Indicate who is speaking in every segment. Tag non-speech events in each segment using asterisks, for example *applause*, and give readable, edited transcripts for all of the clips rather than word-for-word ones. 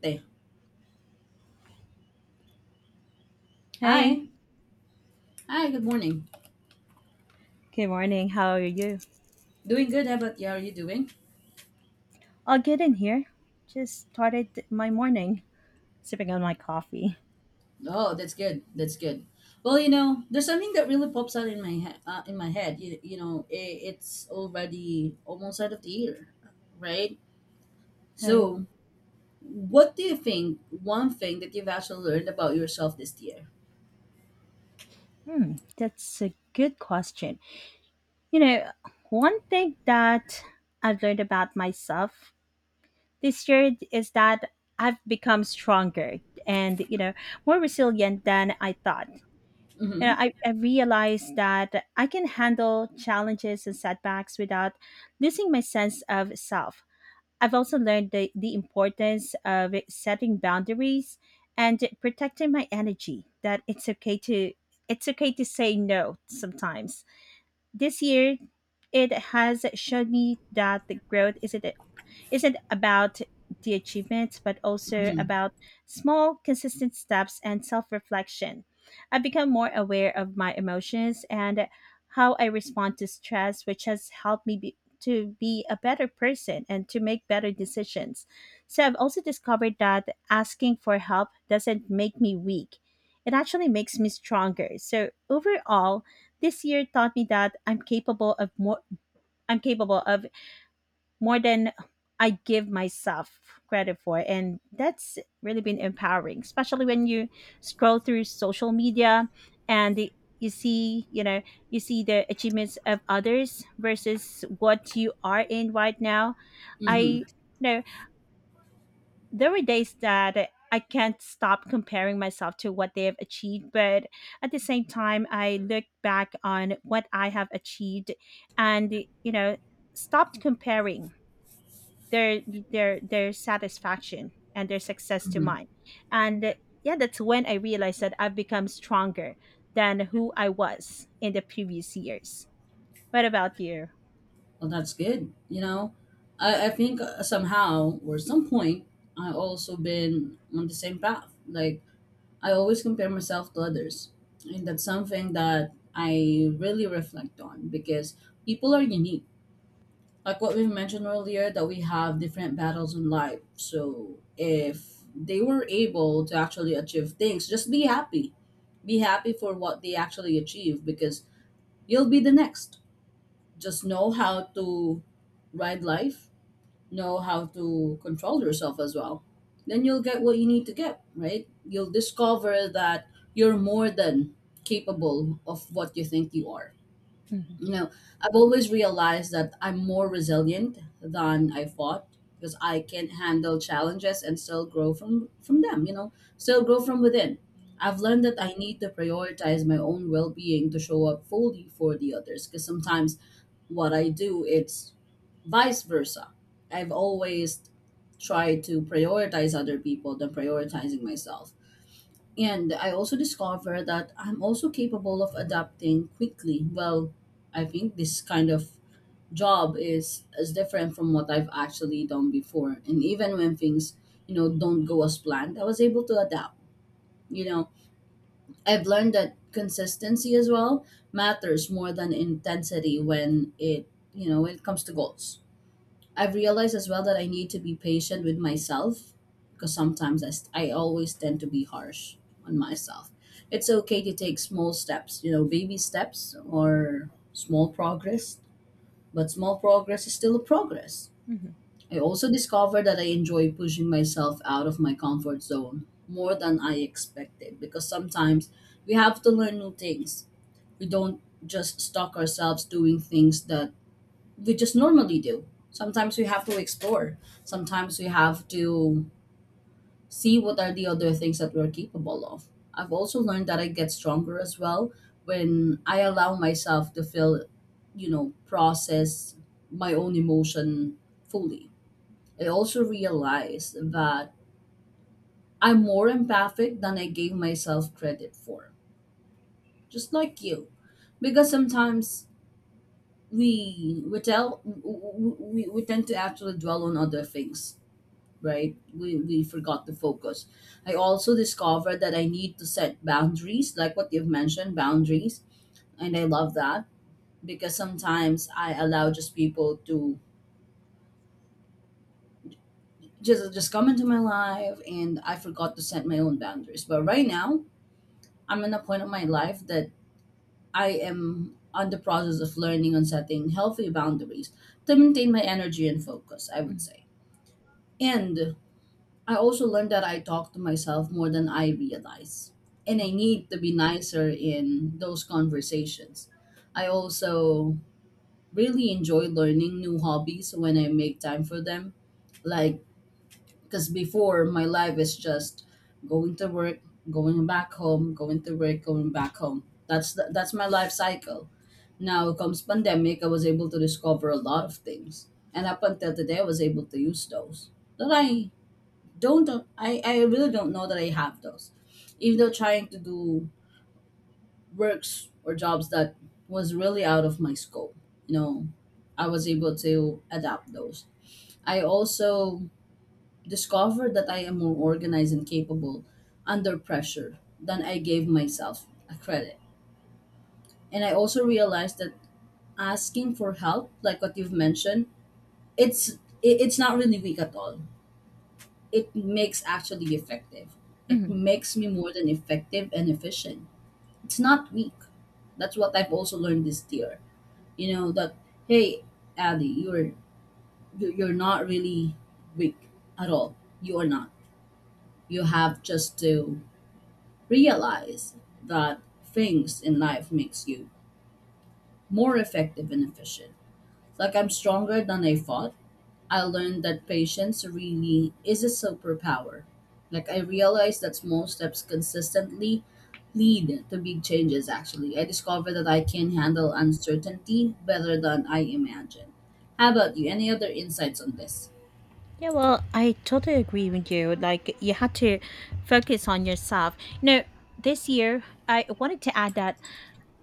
Speaker 1: Hey.
Speaker 2: Hey,
Speaker 1: Hi. Hi, good morning.
Speaker 2: good morning. How are you?
Speaker 1: Doing good. How about you? How are you doing?
Speaker 2: I'll get in here. Just started my morning sipping on my coffee.
Speaker 1: Oh, that's good. That's good. Well, you know, there's something that really pops out in my head. In my head, it's already almost out of the year, right?
Speaker 2: All right.
Speaker 1: So, what do you think? One thing that you've actually learned about yourself this year?
Speaker 2: Hmm, that's a good question. You know, one thing that I've learned about myself this year is that I've become stronger and, you know, more resilient than I thought. You know,
Speaker 1: Mm-hmm.
Speaker 2: I realized that I can handle challenges and setbacks without losing my sense of self. I've also learned the importance of setting boundaries and protecting my energy, that it's okay to say no sometimes. This year it has shown me that the growth isn't about the achievements, but also about small, consistent steps and self reflection. I've become more aware of my emotions and how I respond to stress, which has helped me to be a better person and to make better decisions. So I've also discovered that asking for help doesn't make me weak. It actually makes me stronger. So overall, this year taught me that I'm capable of more than I give myself credit for. And that's really been empowering, especially when you scroll through social media and you see, you see the achievements of others versus what you are in right now. I
Speaker 1: Mm-hmm.
Speaker 2: you know there were days that I can't stop comparing myself to what they have achieved, but at the same time, I look back on what I have achieved and, you know, stopped comparing their their satisfaction and their success to
Speaker 1: Mm-hmm.
Speaker 2: mine and yeah, that's when I realized that I've become stronger than who I was in the previous years. What about you?
Speaker 1: Well, that's good. You know, I think somehow or some point I also been on the same path. Like I always compare myself to others. And that's something that I really reflect on because people are unique. Like what we mentioned earlier, that we have different battles in life. So if they were able to actually achieve things, just be happy. Be happy for what they actually achieve because you'll be the next. Just know how to ride life, know how to control yourself as well, then you'll get what you need to get, right? You'll discover that you're more than capable of what you think you are.
Speaker 2: Mhm,
Speaker 1: You know, I've always realized that I'm more resilient than I thought, because I can handle challenges and still grow from them, you know, still grow from within. I've learned that I need to prioritize my own well-being to show up fully for the others, because sometimes what I do, it's vice versa. I've always tried to prioritize other people than prioritizing myself. And I also discover that I'm also capable of adapting quickly. Well, I think this kind of job is as different from what I've actually done before. And even when things, you know, don't go as planned, I was able to adapt. You know, I've learned that consistency as well matters more than intensity when it, you know, when it comes to goals. I've realized as well that I need to be patient with myself because sometimes I always tend to be harsh on myself. It's okay to take small steps, you know, baby steps or small progress, but small progress is still a progress.
Speaker 2: mhm,
Speaker 1: I also discovered that I enjoy pushing myself out of my comfort zone more than I expected, because sometimes we have to learn new things. We don't just stuck ourselves doing things that we just normally do. Sometimes we have to explore. Sometimes we have to see what are the other things that we're capable of. I've also learned that I get stronger as well when I allow myself to feel, you know, process my own emotion fully. I also realized that I'm more empathic than I gave myself credit for, just like you. Because sometimes we tell we tend to actually dwell on other things, right? We forgot to focus. I also discovered that I need to set boundaries, like what you've mentioned, boundaries. And I love that because sometimes I allow just people to just come into my life and I forgot to set my own boundaries. But right now, I'm in a point of my life that I am on the process of learning on setting healthy boundaries to maintain my energy and focus, I would
Speaker 2: mhm,
Speaker 1: say. And I also learned that I talk to myself more than I realize. And
Speaker 2: mhm,
Speaker 1: I need to be nicer in those conversations. I also really enjoy learning new hobbies when I make time for them. Like, because before my life is just going to work, going back home, going to work, going back home. That's the, that's my life cycle. Now comes pandemic, I was able to discover a lot of things. And up until today, I was able to use those that don't I really don't know that I have those. Even though trying to do works or jobs that was really out of my scope, you know, I was able to adapt those. I also discovered that I am more organized and capable under pressure than I gave myself a credit. And I also realized that asking for help, like what you've mentioned, it's it's not really weak at all, it makes actually effective. It
Speaker 2: mhm.
Speaker 1: makes me more than effective and efficient. It's not weak. That's what I've also learned this year. You know that hey, Addy, you're not really weak at all. You are not. You have just to realize that things in life makes you more effective and efficient. Like I'm stronger than I thought. I learned that patience really is a superpower. Like I realized that small steps consistently lead to big changes actually. I discovered that I can handle uncertainty better than I imagined. How about you? Any other insights on this?
Speaker 2: Yeah, well, I totally agree with you. Like you had to focus on yourself. You know, this year I wanted to add that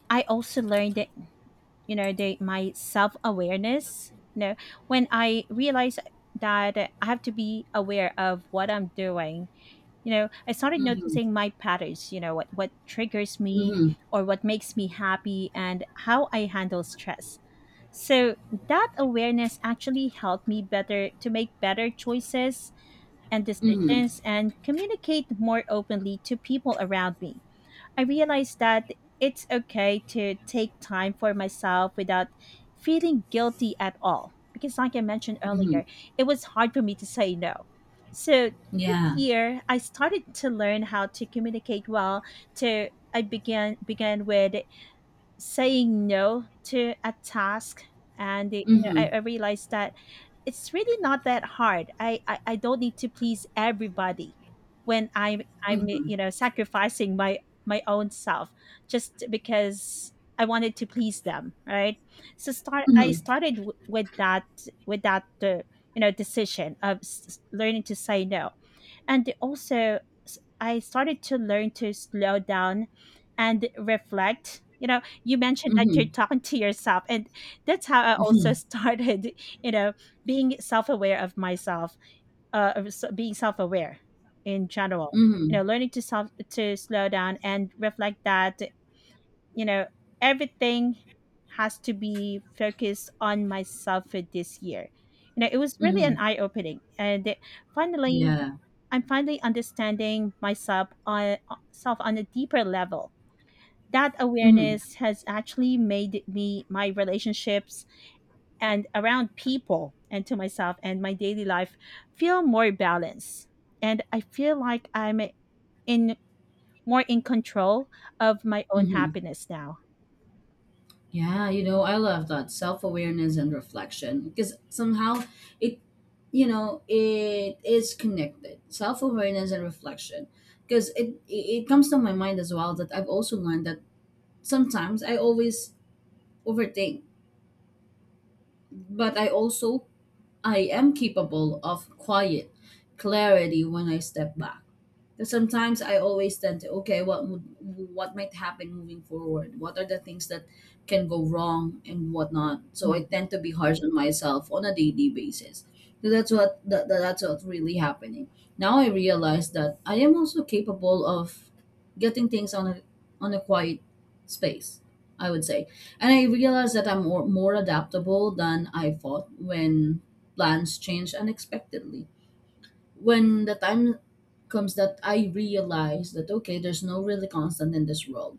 Speaker 2: I also learned, you know, the my self awareness. You know, when I realized that I have to be aware of what I'm doing, you know, I started
Speaker 1: Mm-hmm.
Speaker 2: noticing my patterns, you know, what triggers me
Speaker 1: Mm-hmm.
Speaker 2: or what makes me happy and how I handle stress. So that awareness actually helped me better to make better choices and
Speaker 1: Mm-hmm.
Speaker 2: decisions and communicate more openly to people around me. I realized that it's okay to take time for myself without feeling guilty at all. Because, like I mentioned
Speaker 1: Mm-hmm.
Speaker 2: earlier, it was hard for me to say no. So, this
Speaker 1: Yeah.
Speaker 2: year, I started to learn how to communicate well. To I began with saying no to a task, and you know I,
Speaker 1: Mm-hmm.
Speaker 2: I realized that it's really not that hard. I don't need to please everybody when I'm
Speaker 1: Mm-hmm.
Speaker 2: you know sacrificing my own self just because I wanted to please them, right? So start I
Speaker 1: Mm-hmm.
Speaker 2: started with that with that uh, you know decision of learning to say no. And also I started to learn to slow down and reflect. You know, you mentioned that you're
Speaker 1: Mm-hmm.
Speaker 2: talking to yourself, and that's how I also
Speaker 1: Mm-hmm.
Speaker 2: started *laughs* you know, being self-aware of myself, being self-aware in general. You know,
Speaker 1: Mm-hmm.
Speaker 2: learning to slow down and reflect that, you know, everything has to be focused on myself for this year. You know, it was really an
Speaker 1: Mm-hmm.
Speaker 2: eye opening. And finally,
Speaker 1: Yeah.
Speaker 2: I'm finally understanding myself on a deeper level. That
Speaker 1: Mm-hmm.
Speaker 2: awareness has actually made me, my relationships and around people and to myself and my daily life, feel more balanced. And I feel like I'm in more in control of my own
Speaker 1: Mm-hmm.
Speaker 2: happiness now.
Speaker 1: Yeah, you know, I love that self awareness and reflection because somehow it, you know, it is connected. Self awareness and reflection, because it comes to my mind as well that I've also learned that sometimes I always overthink, but I am capable of quiet clarity when I step back. Because sometimes I always tend to, okay, what would, what might happen moving forward? What are the things that can go wrong and whatnot? So I
Speaker 2: Mm,
Speaker 1: tend to be harsh on myself on a daily basis. So that's what that's what's really happening. Now I realize that I am also capable of getting things on a quiet space, I would say. And I realize that I'm more adaptable than I thought when plans change unexpectedly, when the time comes that I realized that okay, there's no really constant in this world.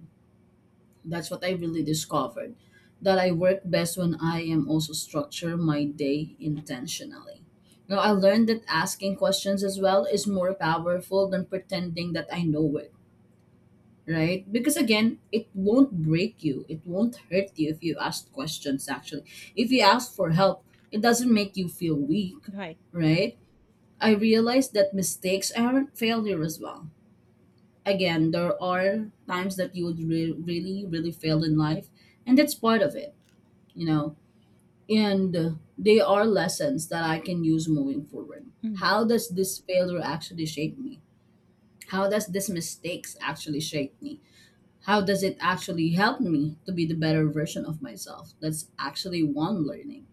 Speaker 1: That's what I really discovered. That I work best when I am also structure my day intentionally. Now I learned that asking questions as well is more powerful than pretending that I know it, right? Because again, it won't break you. It won't hurt you if you ask questions actually. If you ask for help, it doesn't make you feel weak,
Speaker 2: right.
Speaker 1: right? I realized that mistakes aren't failure as well, again, there are times that you would really, really fail in life, and that's part of it, you know. And they are lessons that I can use moving forward.
Speaker 2: Mm,
Speaker 1: How does this failure actually shape me? How does this mistakes actually shape me? How does it actually help me to be the better version of myself? That's actually one learning.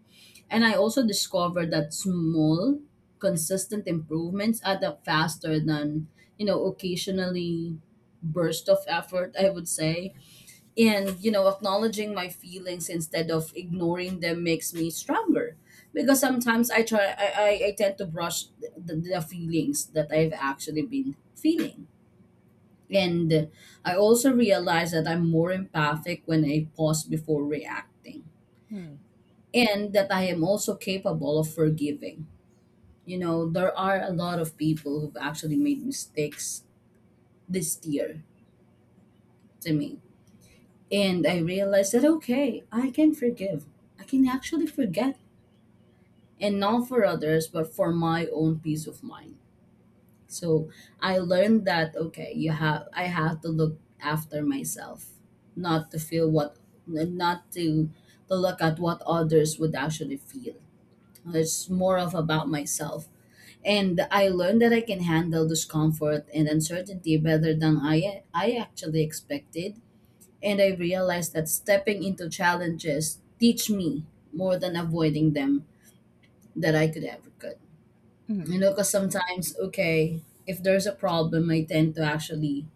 Speaker 1: And I also discovered that small, consistent improvements add up faster than, you know, occasionally burst of effort, I would say. And, you know, acknowledging my feelings instead of ignoring them makes me stronger. Because sometimes I try, I tend to brush the feelings that I've actually been feeling. And I also realize that I'm more empathic when I pause before reacting,
Speaker 2: mm,
Speaker 1: and that I am also capable of forgiving. You know, there are a lot of people who've actually made mistakes this year to me. And I realized that, okay, I can forgive. I can actually forget. And not for others, but for my own peace of mind. So I learned that, okay, I have to look after myself, not to feel what, not to, to look at what others would actually feel. It's more of about myself. And I learned that I can handle discomfort and uncertainty better than I actually expected. And I realized that stepping into challenges teach me more than avoiding them, that I could ever could.
Speaker 2: mm,
Speaker 1: You know, because sometimes, okay, if there's a problem, I tend to actually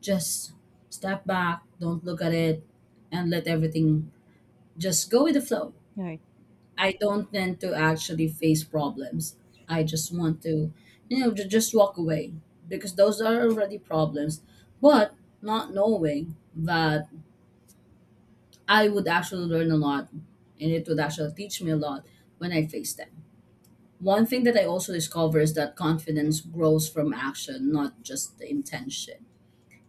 Speaker 1: just step back, don't look at it, and let everything just go with the flow.
Speaker 2: right.
Speaker 1: I don't tend to actually face problems. I just want to, you know, just walk away because those are already problems. But not knowing that I would actually learn a lot, and it would actually teach me a lot when I face them. One thing that I also discover is that confidence grows from action, not just the intention.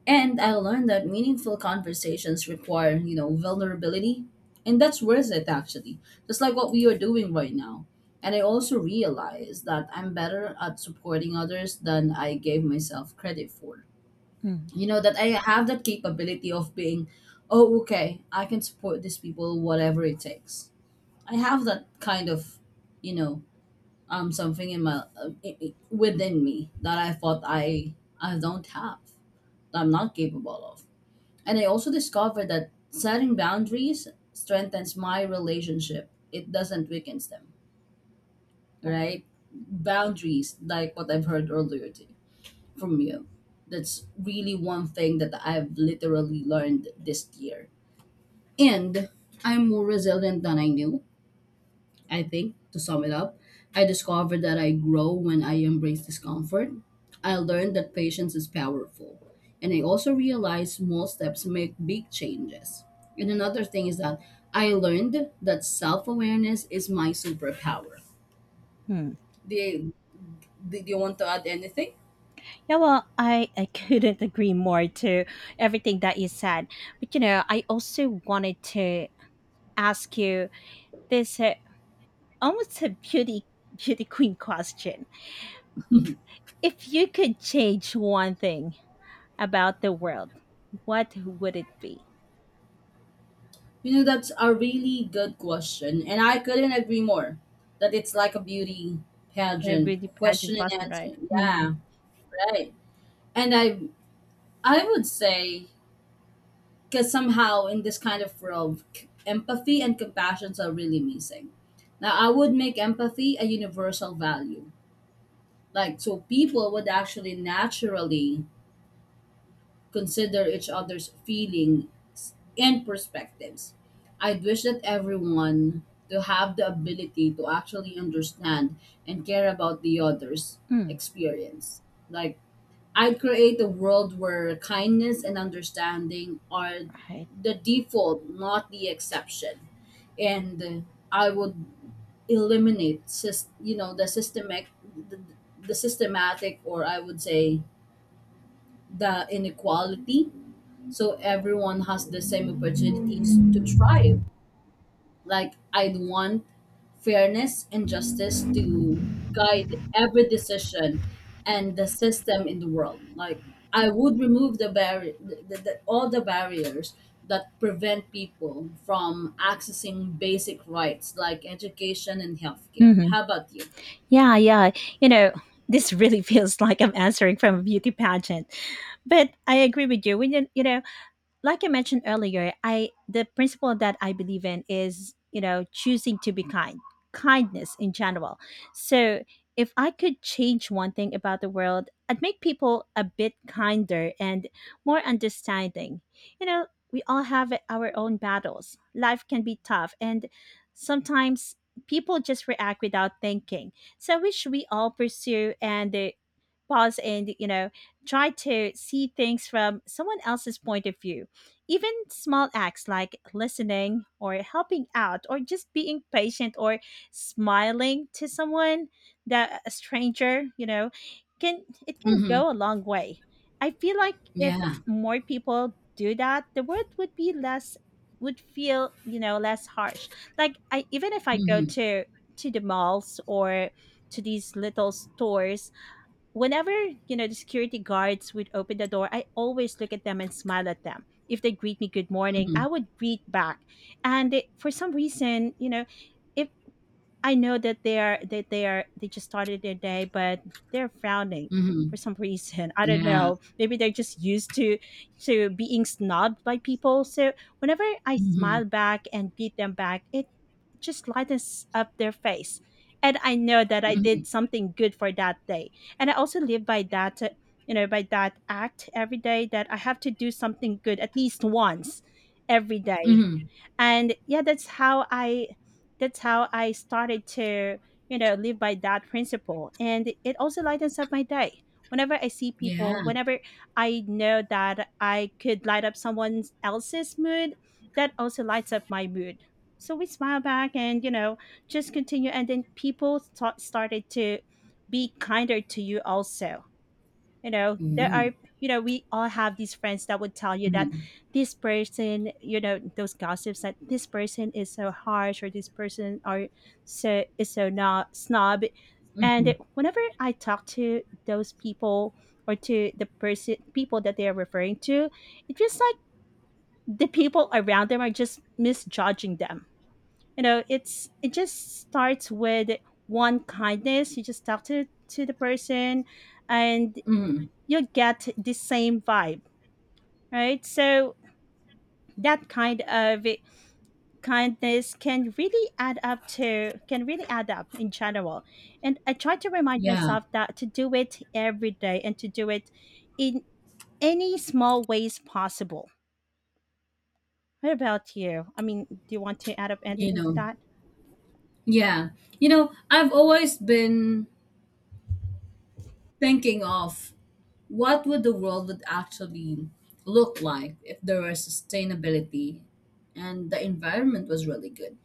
Speaker 1: And I learned that meaningful conversations require, you know, vulnerability. And that's worth it, actually, just like what we are doing right now. And I also realized that I'm better at supporting others than I gave myself credit for.
Speaker 2: Mm,
Speaker 1: You know, that I have that capability of being, oh, okay, I can support these people, whatever it takes. I have that kind of, you know, something in my within me that I thought I don't have, that I'm not capable of. And I also discovered that setting boundaries strengthens my relationship. It doesn't weakens them,
Speaker 2: right.
Speaker 1: right? Boundaries, like what I've heard earlier to, from you. That's really one thing that I've literally learned this year. And I'm more resilient than I knew. I think, to sum it up, I discovered that I grow when I embrace discomfort. I learned that patience is powerful. And I also realized small steps make big changes. And another thing is that I learned that self awareness is my superpower.
Speaker 2: Mm.
Speaker 1: Do you, do you want to add anything?
Speaker 2: Yeah, well, I *laughs* couldn't agree more to everything that you said. But, you know, I also wanted to ask you this almost a beauty queen question. If you could change one thing about the world, what would it be?
Speaker 1: You know, that's a really good question. And I couldn't agree more that it's like a beauty
Speaker 2: A
Speaker 1: pageant
Speaker 2: really pageant
Speaker 1: question and
Speaker 2: question, right?
Speaker 1: answer.
Speaker 2: Hmm.
Speaker 1: Yeah, right. And I would say because somehow in this kind of world, empathy and compassion are really missing. Now, I would make empathy a universal value. Like, so people would actually naturally consider each other's feelings and perspectives. I'd wish that everyone to have the ability to actually understand and care about the other's
Speaker 2: Mm,
Speaker 1: experience. Like, I'd create a world where kindness and understanding are
Speaker 2: right.
Speaker 1: the default, not the exception. And I would eliminate, the systemic, the, the systematic, or I would say the inequality. So everyone has the same opportunities to thrive. Like, I'd want fairness and justice to guide every decision and the system in the world. Like, I would remove the barrier, all the barriers that prevent people from accessing basic rights like education and
Speaker 2: Hmm.
Speaker 1: healthcare. How about you?
Speaker 2: Yeah, yeah. You know, this really *laughs* feels like I'm answering from a beauty pageant, but I agree with you. When you know, like I mentioned earlier, I the principle that I believe in is, you know, choosing to be kind, kindness in general. So if I could change one thing about the world, I'd make people a bit kinder and more understanding. You know, we all have our own battles. Life can be tough, and sometimes people just react without thinking. So we all pursue and pause and, you know, try to see things from someone else's point of view. Even small acts like listening or helping out or just being patient or smiling to someone, that a stranger, you know, can
Speaker 1: Mm-hmm.
Speaker 2: go a long way. I feel like if
Speaker 1: Yeah.
Speaker 2: more people do that, the world would be less would feel, you know, less harsh. Like I even if I go
Speaker 1: Mm-hmm.
Speaker 2: to the malls or to these little stores, whenever, you know, the security guards would open the door, I always look at them and smile at them. If they greet me good morning,
Speaker 1: Mm-hmm.
Speaker 2: I would greet back. And it, for some reason, you know, if I know that they are, they just started their day, but they're frowning for
Speaker 1: Mm-hmm.
Speaker 2: some *laughs* reason. I don't
Speaker 1: Yeah.
Speaker 2: know. Maybe they're just used to being snubbed by people. So whenever I
Speaker 1: Mm-hmm.
Speaker 2: smile back and beat them back, it just lightens up their face. And I know that I did
Speaker 1: Mm-hmm.
Speaker 2: something good for that day. And I also live by that, you know, by that act every day, that I have to do something good at least once every day.
Speaker 1: Mm-hmm.
Speaker 2: And yeah, that's how I started to, you know, live by that principle. And it also lightens up my day whenever I see people,
Speaker 1: Yeah.
Speaker 2: whenever I know that I could light up someone else's mood, that also lights up my mood. So we smile back, and, you know, just continue. And then people started to be kinder to you also. You know, there
Speaker 1: Mm-hmm.
Speaker 2: are, you know, we all have these friends that would tell you that
Speaker 1: Mm-hmm.
Speaker 2: this person, you know, those gossips, that this person is so harsh or this person are so is so not snob.
Speaker 1: Mm-hmm.
Speaker 2: And whenever I talk to those people, or to the person people that they are referring to, it feels like the people around them are just misjudging them. You know, it just starts with one kindness. You just talk to the person, and
Speaker 1: Mm-hmm.
Speaker 2: you'll get the same vibe, right? So that kind of kindness can really add up to can really add up in general. And I try to remind
Speaker 1: Yeah.
Speaker 2: myself that to do it every day, and to do it in any small ways possible. What about you? I mean, do you want to add up
Speaker 1: You
Speaker 2: anything to
Speaker 1: know.
Speaker 2: that?
Speaker 1: Yeah. You know, I've always been thinking of what would the world would actually look like if there was sustainability and the environment was really good.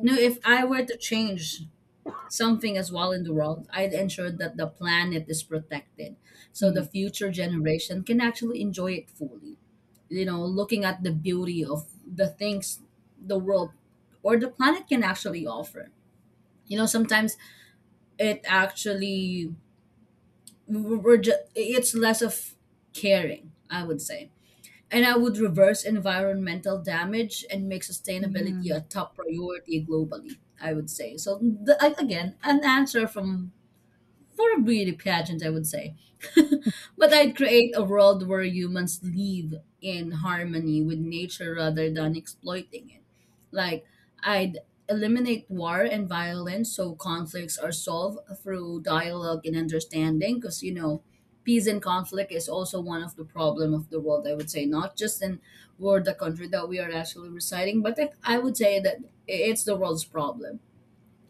Speaker 1: You know, if I were to change something as well in the world, I'd ensure that the planet is protected so the future generation can actually enjoy it fully. You know, looking at the beauty of the things the world or the planet can actually offer. You know, sometimes it actually we're it's less of caring, I would say. And I would reverse environmental damage and make sustainability a top priority globally, I would say. So again, an answer from for a beauty pageant, I would say. *laughs* But I'd create a world where humans live in harmony with nature rather than exploiting it. Like, I'd eliminate war and violence so conflicts are solved through dialogue and understanding because, you know, peace and conflict is also one of the problem of the world, I would say. Not just in or the country that we are actually residing, but I would say that it's the world's problem.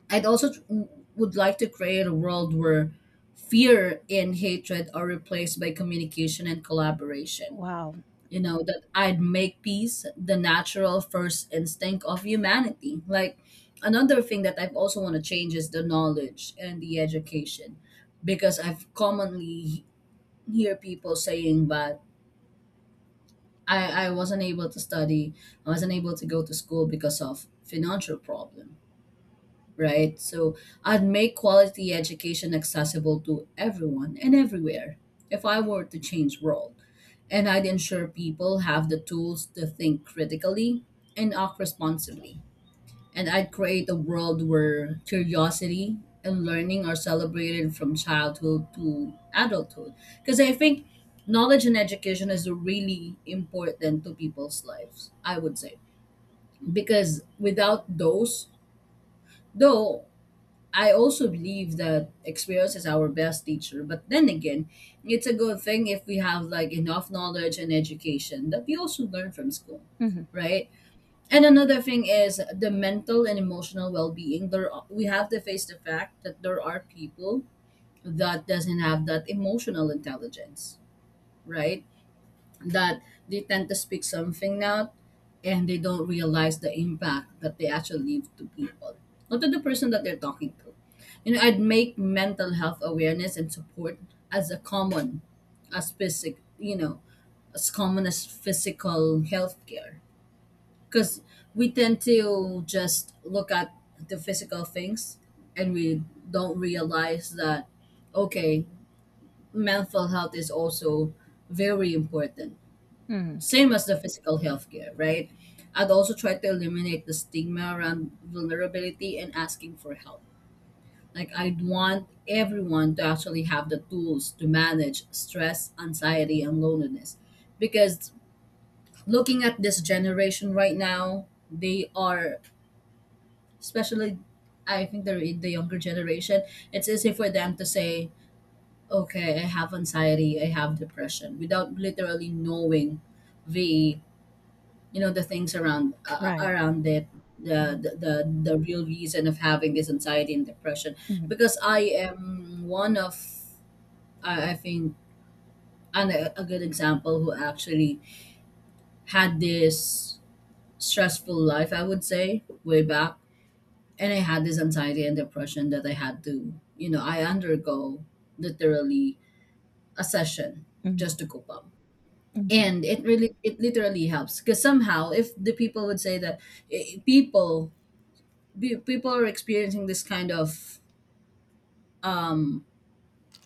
Speaker 1: I'd would like to create a world where fear and hatred are replaced by communication and collaboration.
Speaker 2: Wow.
Speaker 1: You know, that I'd make peace the natural first instinct of humanity. Like, another thing that I've also want to change is the knowledge and the education because I've commonly hear people saying that I wasn't able to study, I wasn't able to go to school because of financial problem, right? So I'd make quality education accessible to everyone and everywhere if I were to change world. And I'd ensure people have the tools to think critically and act responsibly. And I'd create a world where curiosity and learning are celebrated from childhood to adulthood. Because I think knowledge and education is really important to people's lives, I would say. Because without those, though I also believe that experience is our best teacher. But then again, it's a good thing if we have like enough knowledge and education that we also learn from school,
Speaker 2: Mhm,
Speaker 1: right? And another thing is the mental and emotional well-being. We have to face the fact that there are people that doesn't have that emotional intelligence, right? That they tend to speak something out and they don't realize the impact that they actually leave to people, not to the person that they're talking to. You know, I'd make mental health awareness and support as a common as as common as physical health care. Because we tend to just look at the physical things and we don't realize that, okay, mental health is also very important,
Speaker 2: mhm,
Speaker 1: same as the physical health care, right? I'd also try to eliminate the stigma around vulnerability and asking for help. Like, I'd want everyone to actually have the tools to manage stress, anxiety, and loneliness. Because looking at this generation right now, they are, especially, I think they're in the younger generation, it's easy for them to say, okay, I have anxiety, I have depression, without literally knowing the, you know, the things around
Speaker 2: right.
Speaker 1: around it, the,
Speaker 2: Mhm,
Speaker 1: the real reason of having this anxiety and depression.
Speaker 2: mhm,
Speaker 1: Because I am one of, I think, and a good example who actually had this stressful life, I would say, way back. And I had this anxiety and depression that I had to, you know, I undergo literally a session
Speaker 2: mhm,
Speaker 1: just to cope up.
Speaker 2: mhm.
Speaker 1: And it really, it literally helps because somehow if the people would say that, eh, people people are experiencing this kind of, um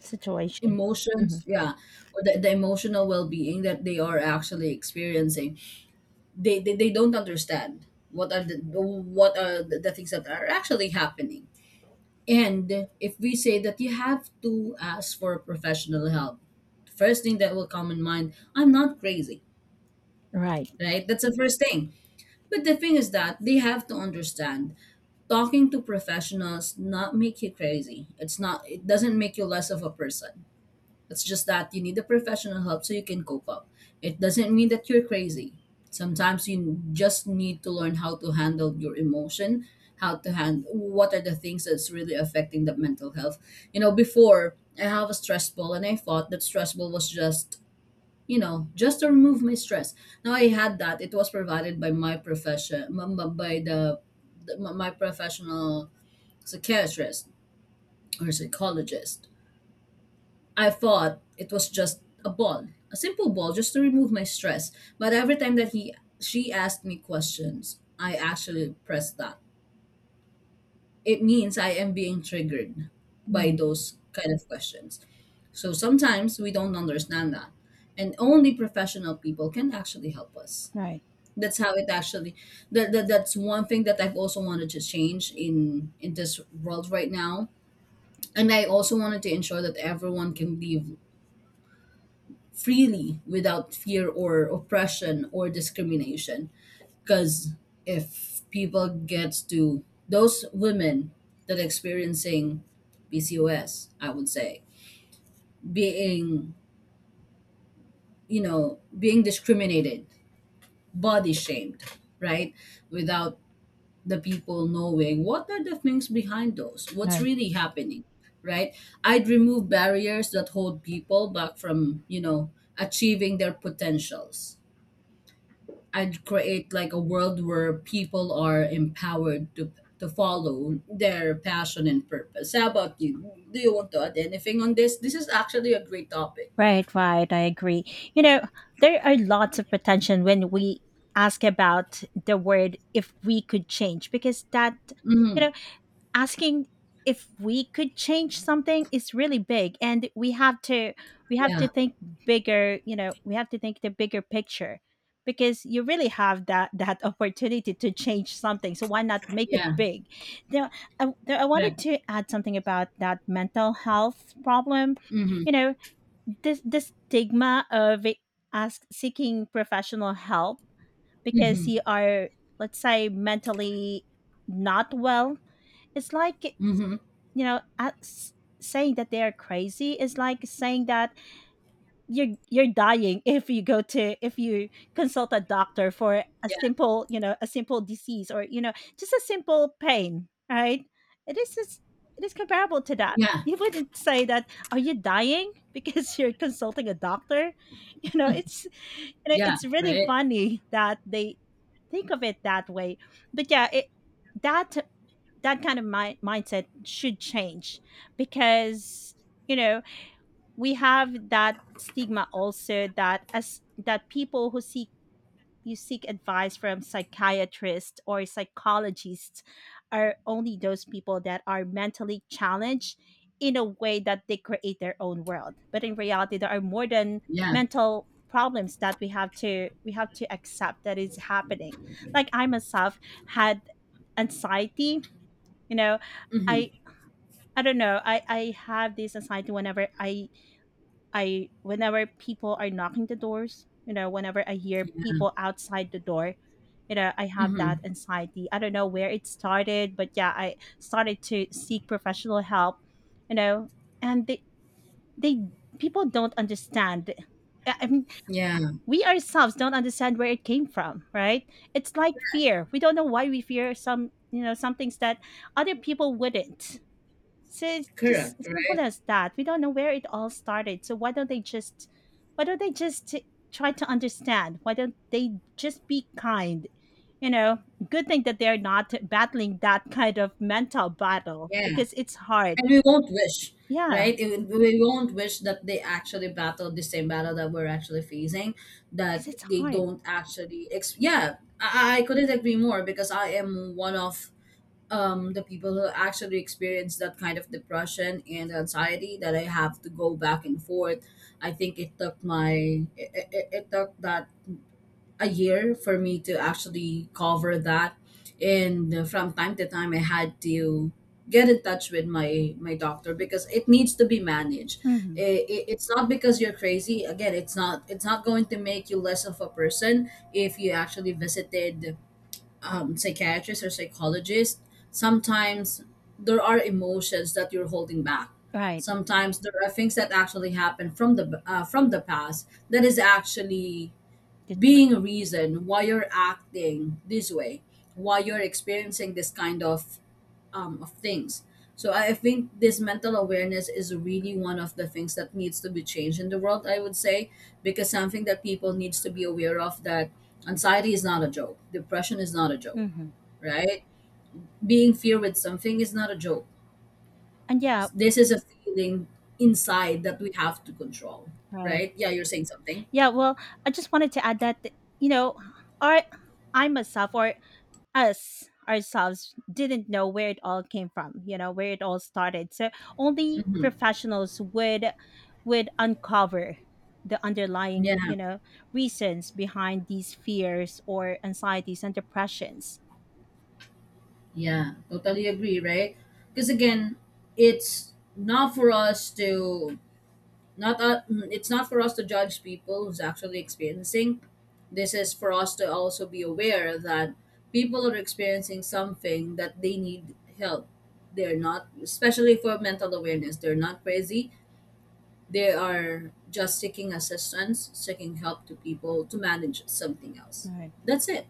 Speaker 2: Situation.
Speaker 1: emotions, yeah. Or the emotional well-being that they are actually experiencing, they don't understand what are the, what are the things that are actually happening. And if we say that you have to ask for professional help, first thing that will come in mind, I'm not crazy,
Speaker 2: Right.
Speaker 1: right? That's the first thing. But the thing is that they have to understand talking to professionals not make you crazy, it's not, it doesn't make you less of a person. It's just that you need the professional help so you can cope up. It doesn't mean that you're crazy. Sometimes you just need to learn how to handle your emotion, how to handle what are the things that's really affecting the mental health. You know, before I have a stress ball, and I thought that stress ball was just, you know, just to remove my stress. Now I had that, it was provided by my by the, my my professional psychiatrist or psychologist. I thought it was just a ball, a simple ball just to remove my stress. But every time that he she asked me questions, I actually pressed that. It means I am being triggered by
Speaker 2: Mhm,
Speaker 1: those kind of questions. So sometimes we don't understand that. And only professional people can actually help us.
Speaker 2: right,
Speaker 1: That's how it actually, that's one thing that I've also wanted to change in this world right now. And I also wanted to ensure that everyone can live freely without fear or oppression or discrimination. Because if people get to those women that are experiencing PCOS, would say being, you know, being discriminated, body shamed, right, without the people knowing what are the things behind those, what's
Speaker 2: right.
Speaker 1: really happening, right? I'd remove barriers that hold people back from, you know, achieving their potentials. I'd create like a world where people are empowered to follow their passion and purpose. How about you? Do you want to add anything on this? This is actually a great topic.
Speaker 2: Right, right, I agree. You know, there are lots of potential when we ask about the word if we could change, because that, you
Speaker 1: Mm-hmm.
Speaker 2: know, asking if we could change something is really big, and we have to
Speaker 1: Yeah.
Speaker 2: think bigger. You know, we have to think the bigger picture, because you really have that *laughs* opportunity to change something, so why not make it
Speaker 1: Yeah.
Speaker 2: big. Now I wanted
Speaker 1: Correct.
Speaker 2: to add something about that mental health problem.
Speaker 1: Mm-hmm.
Speaker 2: You know, this, the stigma of ask seeking professional help, because
Speaker 1: Mm-hmm.
Speaker 2: you are, let's say, mentally not well. It's like,
Speaker 1: Mm-hmm.
Speaker 2: you know, saying that they are crazy is like saying that you're dying if you go to, if you consult a doctor for a
Speaker 1: Yeah.
Speaker 2: simple, you know, a simple disease, or, you know, just a simple pain, right? It is just, it is comparable to that.
Speaker 1: Yeah.
Speaker 2: You wouldn't say that are you dying because *laughs* you're consulting a doctor. *laughs* You know it's, you know,
Speaker 1: Yeah.
Speaker 2: it's really
Speaker 1: Right.
Speaker 2: funny that they think of it that way. But yeah, it that that kind of mindset should change. Because, you know, we have that stigma also, that people who seek, you seek advice from psychiatrists or psychologists, are only those people that are mentally challenged in a way that they create their own world. But in reality, there are more than
Speaker 1: Yeah.
Speaker 2: mental problems that we have to accept that is happening. Like I myself had anxiety. You know,
Speaker 1: Mm-hmm.
Speaker 2: i I don't know, I have this anxiety whenever I, whenever people are knocking the doors, you know, whenever I hear people outside the door, you know, I have that
Speaker 1: Mm-hmm.
Speaker 2: anxiety. I don't know where it started, but yeah, I started to seek professional help. You know, and they people don't understand. I mean,
Speaker 1: Yeah.
Speaker 2: we ourselves don't understand where it came from, right? It's like fear, we don't know why we fear some, you know, some things that other people wouldn't. So it's just
Speaker 1: Correct,
Speaker 2: simple
Speaker 1: right?
Speaker 2: as that. We don't know where it all started. So why don't they just try to understand? Why don't they just be kind? You know, good thing that they're not battling that kind of mental battle,
Speaker 1: Yeah.
Speaker 2: because it's hard.
Speaker 1: And we won't wish,
Speaker 2: Yeah,
Speaker 1: right? It, we won't wish that they actually battled the same battle that we're actually facing, that
Speaker 2: because it's
Speaker 1: they
Speaker 2: hard.
Speaker 1: don't actually. Yeah, I couldn't agree more because I am one of the people who actually experience that kind of depression and anxiety that I have to go back and forth. I think it took my, it took that a year for me to actually cover that. And from time to time I had to get in touch with my my doctor because it needs to be managed.
Speaker 2: Hmm.
Speaker 1: It's not because you're crazy. Again, it's not, it's not going to make you less of a person if you actually visited psychiatrist or psychologist. Sometimes there are emotions that you're holding back.
Speaker 2: Right.
Speaker 1: Sometimes there are things that actually happen from the past that is actually
Speaker 2: That's
Speaker 1: being
Speaker 2: true.
Speaker 1: a reason why you're acting this way, why you're experiencing this kind of things. So I think this mental awareness is really one of the things that needs to be changed in the world, I would say. Because something that people needs to be aware of, that anxiety is not a joke, depression is not a joke,
Speaker 2: Hmm.
Speaker 1: right? Being fear with something is not a joke.
Speaker 2: And yeah,
Speaker 1: This is a feeling
Speaker 2: mm,
Speaker 1: inside that we have to control,
Speaker 2: right.
Speaker 1: right? Yeah, you're saying something.
Speaker 2: Yeah. Well, I just wanted to add that, you know, our I myself or us ourselves didn't know where it all came from, you know, where it all started, so only professionals would uncover the underlying,
Speaker 1: Yeah.
Speaker 2: you know, reasons behind these fears or anxieties and depressions.
Speaker 1: Yeah, totally agree, right? Because again, it's not for us to not mm, it's not for us to judge people who's actually experiencing. This is for us to also be aware that people are experiencing something that they need help. They're not, especially for mental awareness, they're not crazy. They are just seeking assistance, seeking help to people to manage something else.
Speaker 2: Right.
Speaker 1: That's it.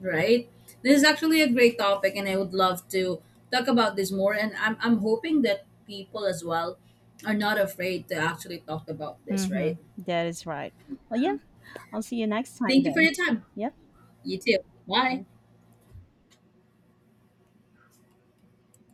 Speaker 1: Right. This is actually a great topic, and I would love to talk about this more. And I'm, hoping that people as well are not afraid to actually talk about this,
Speaker 2: Mm-hmm.
Speaker 1: right?
Speaker 2: That is right. Well, yeah,
Speaker 1: Um,
Speaker 2: I'll see you next time
Speaker 1: thank you for
Speaker 2: then.
Speaker 1: your time.
Speaker 2: Yep.
Speaker 1: You too. Bye.
Speaker 2: Bye.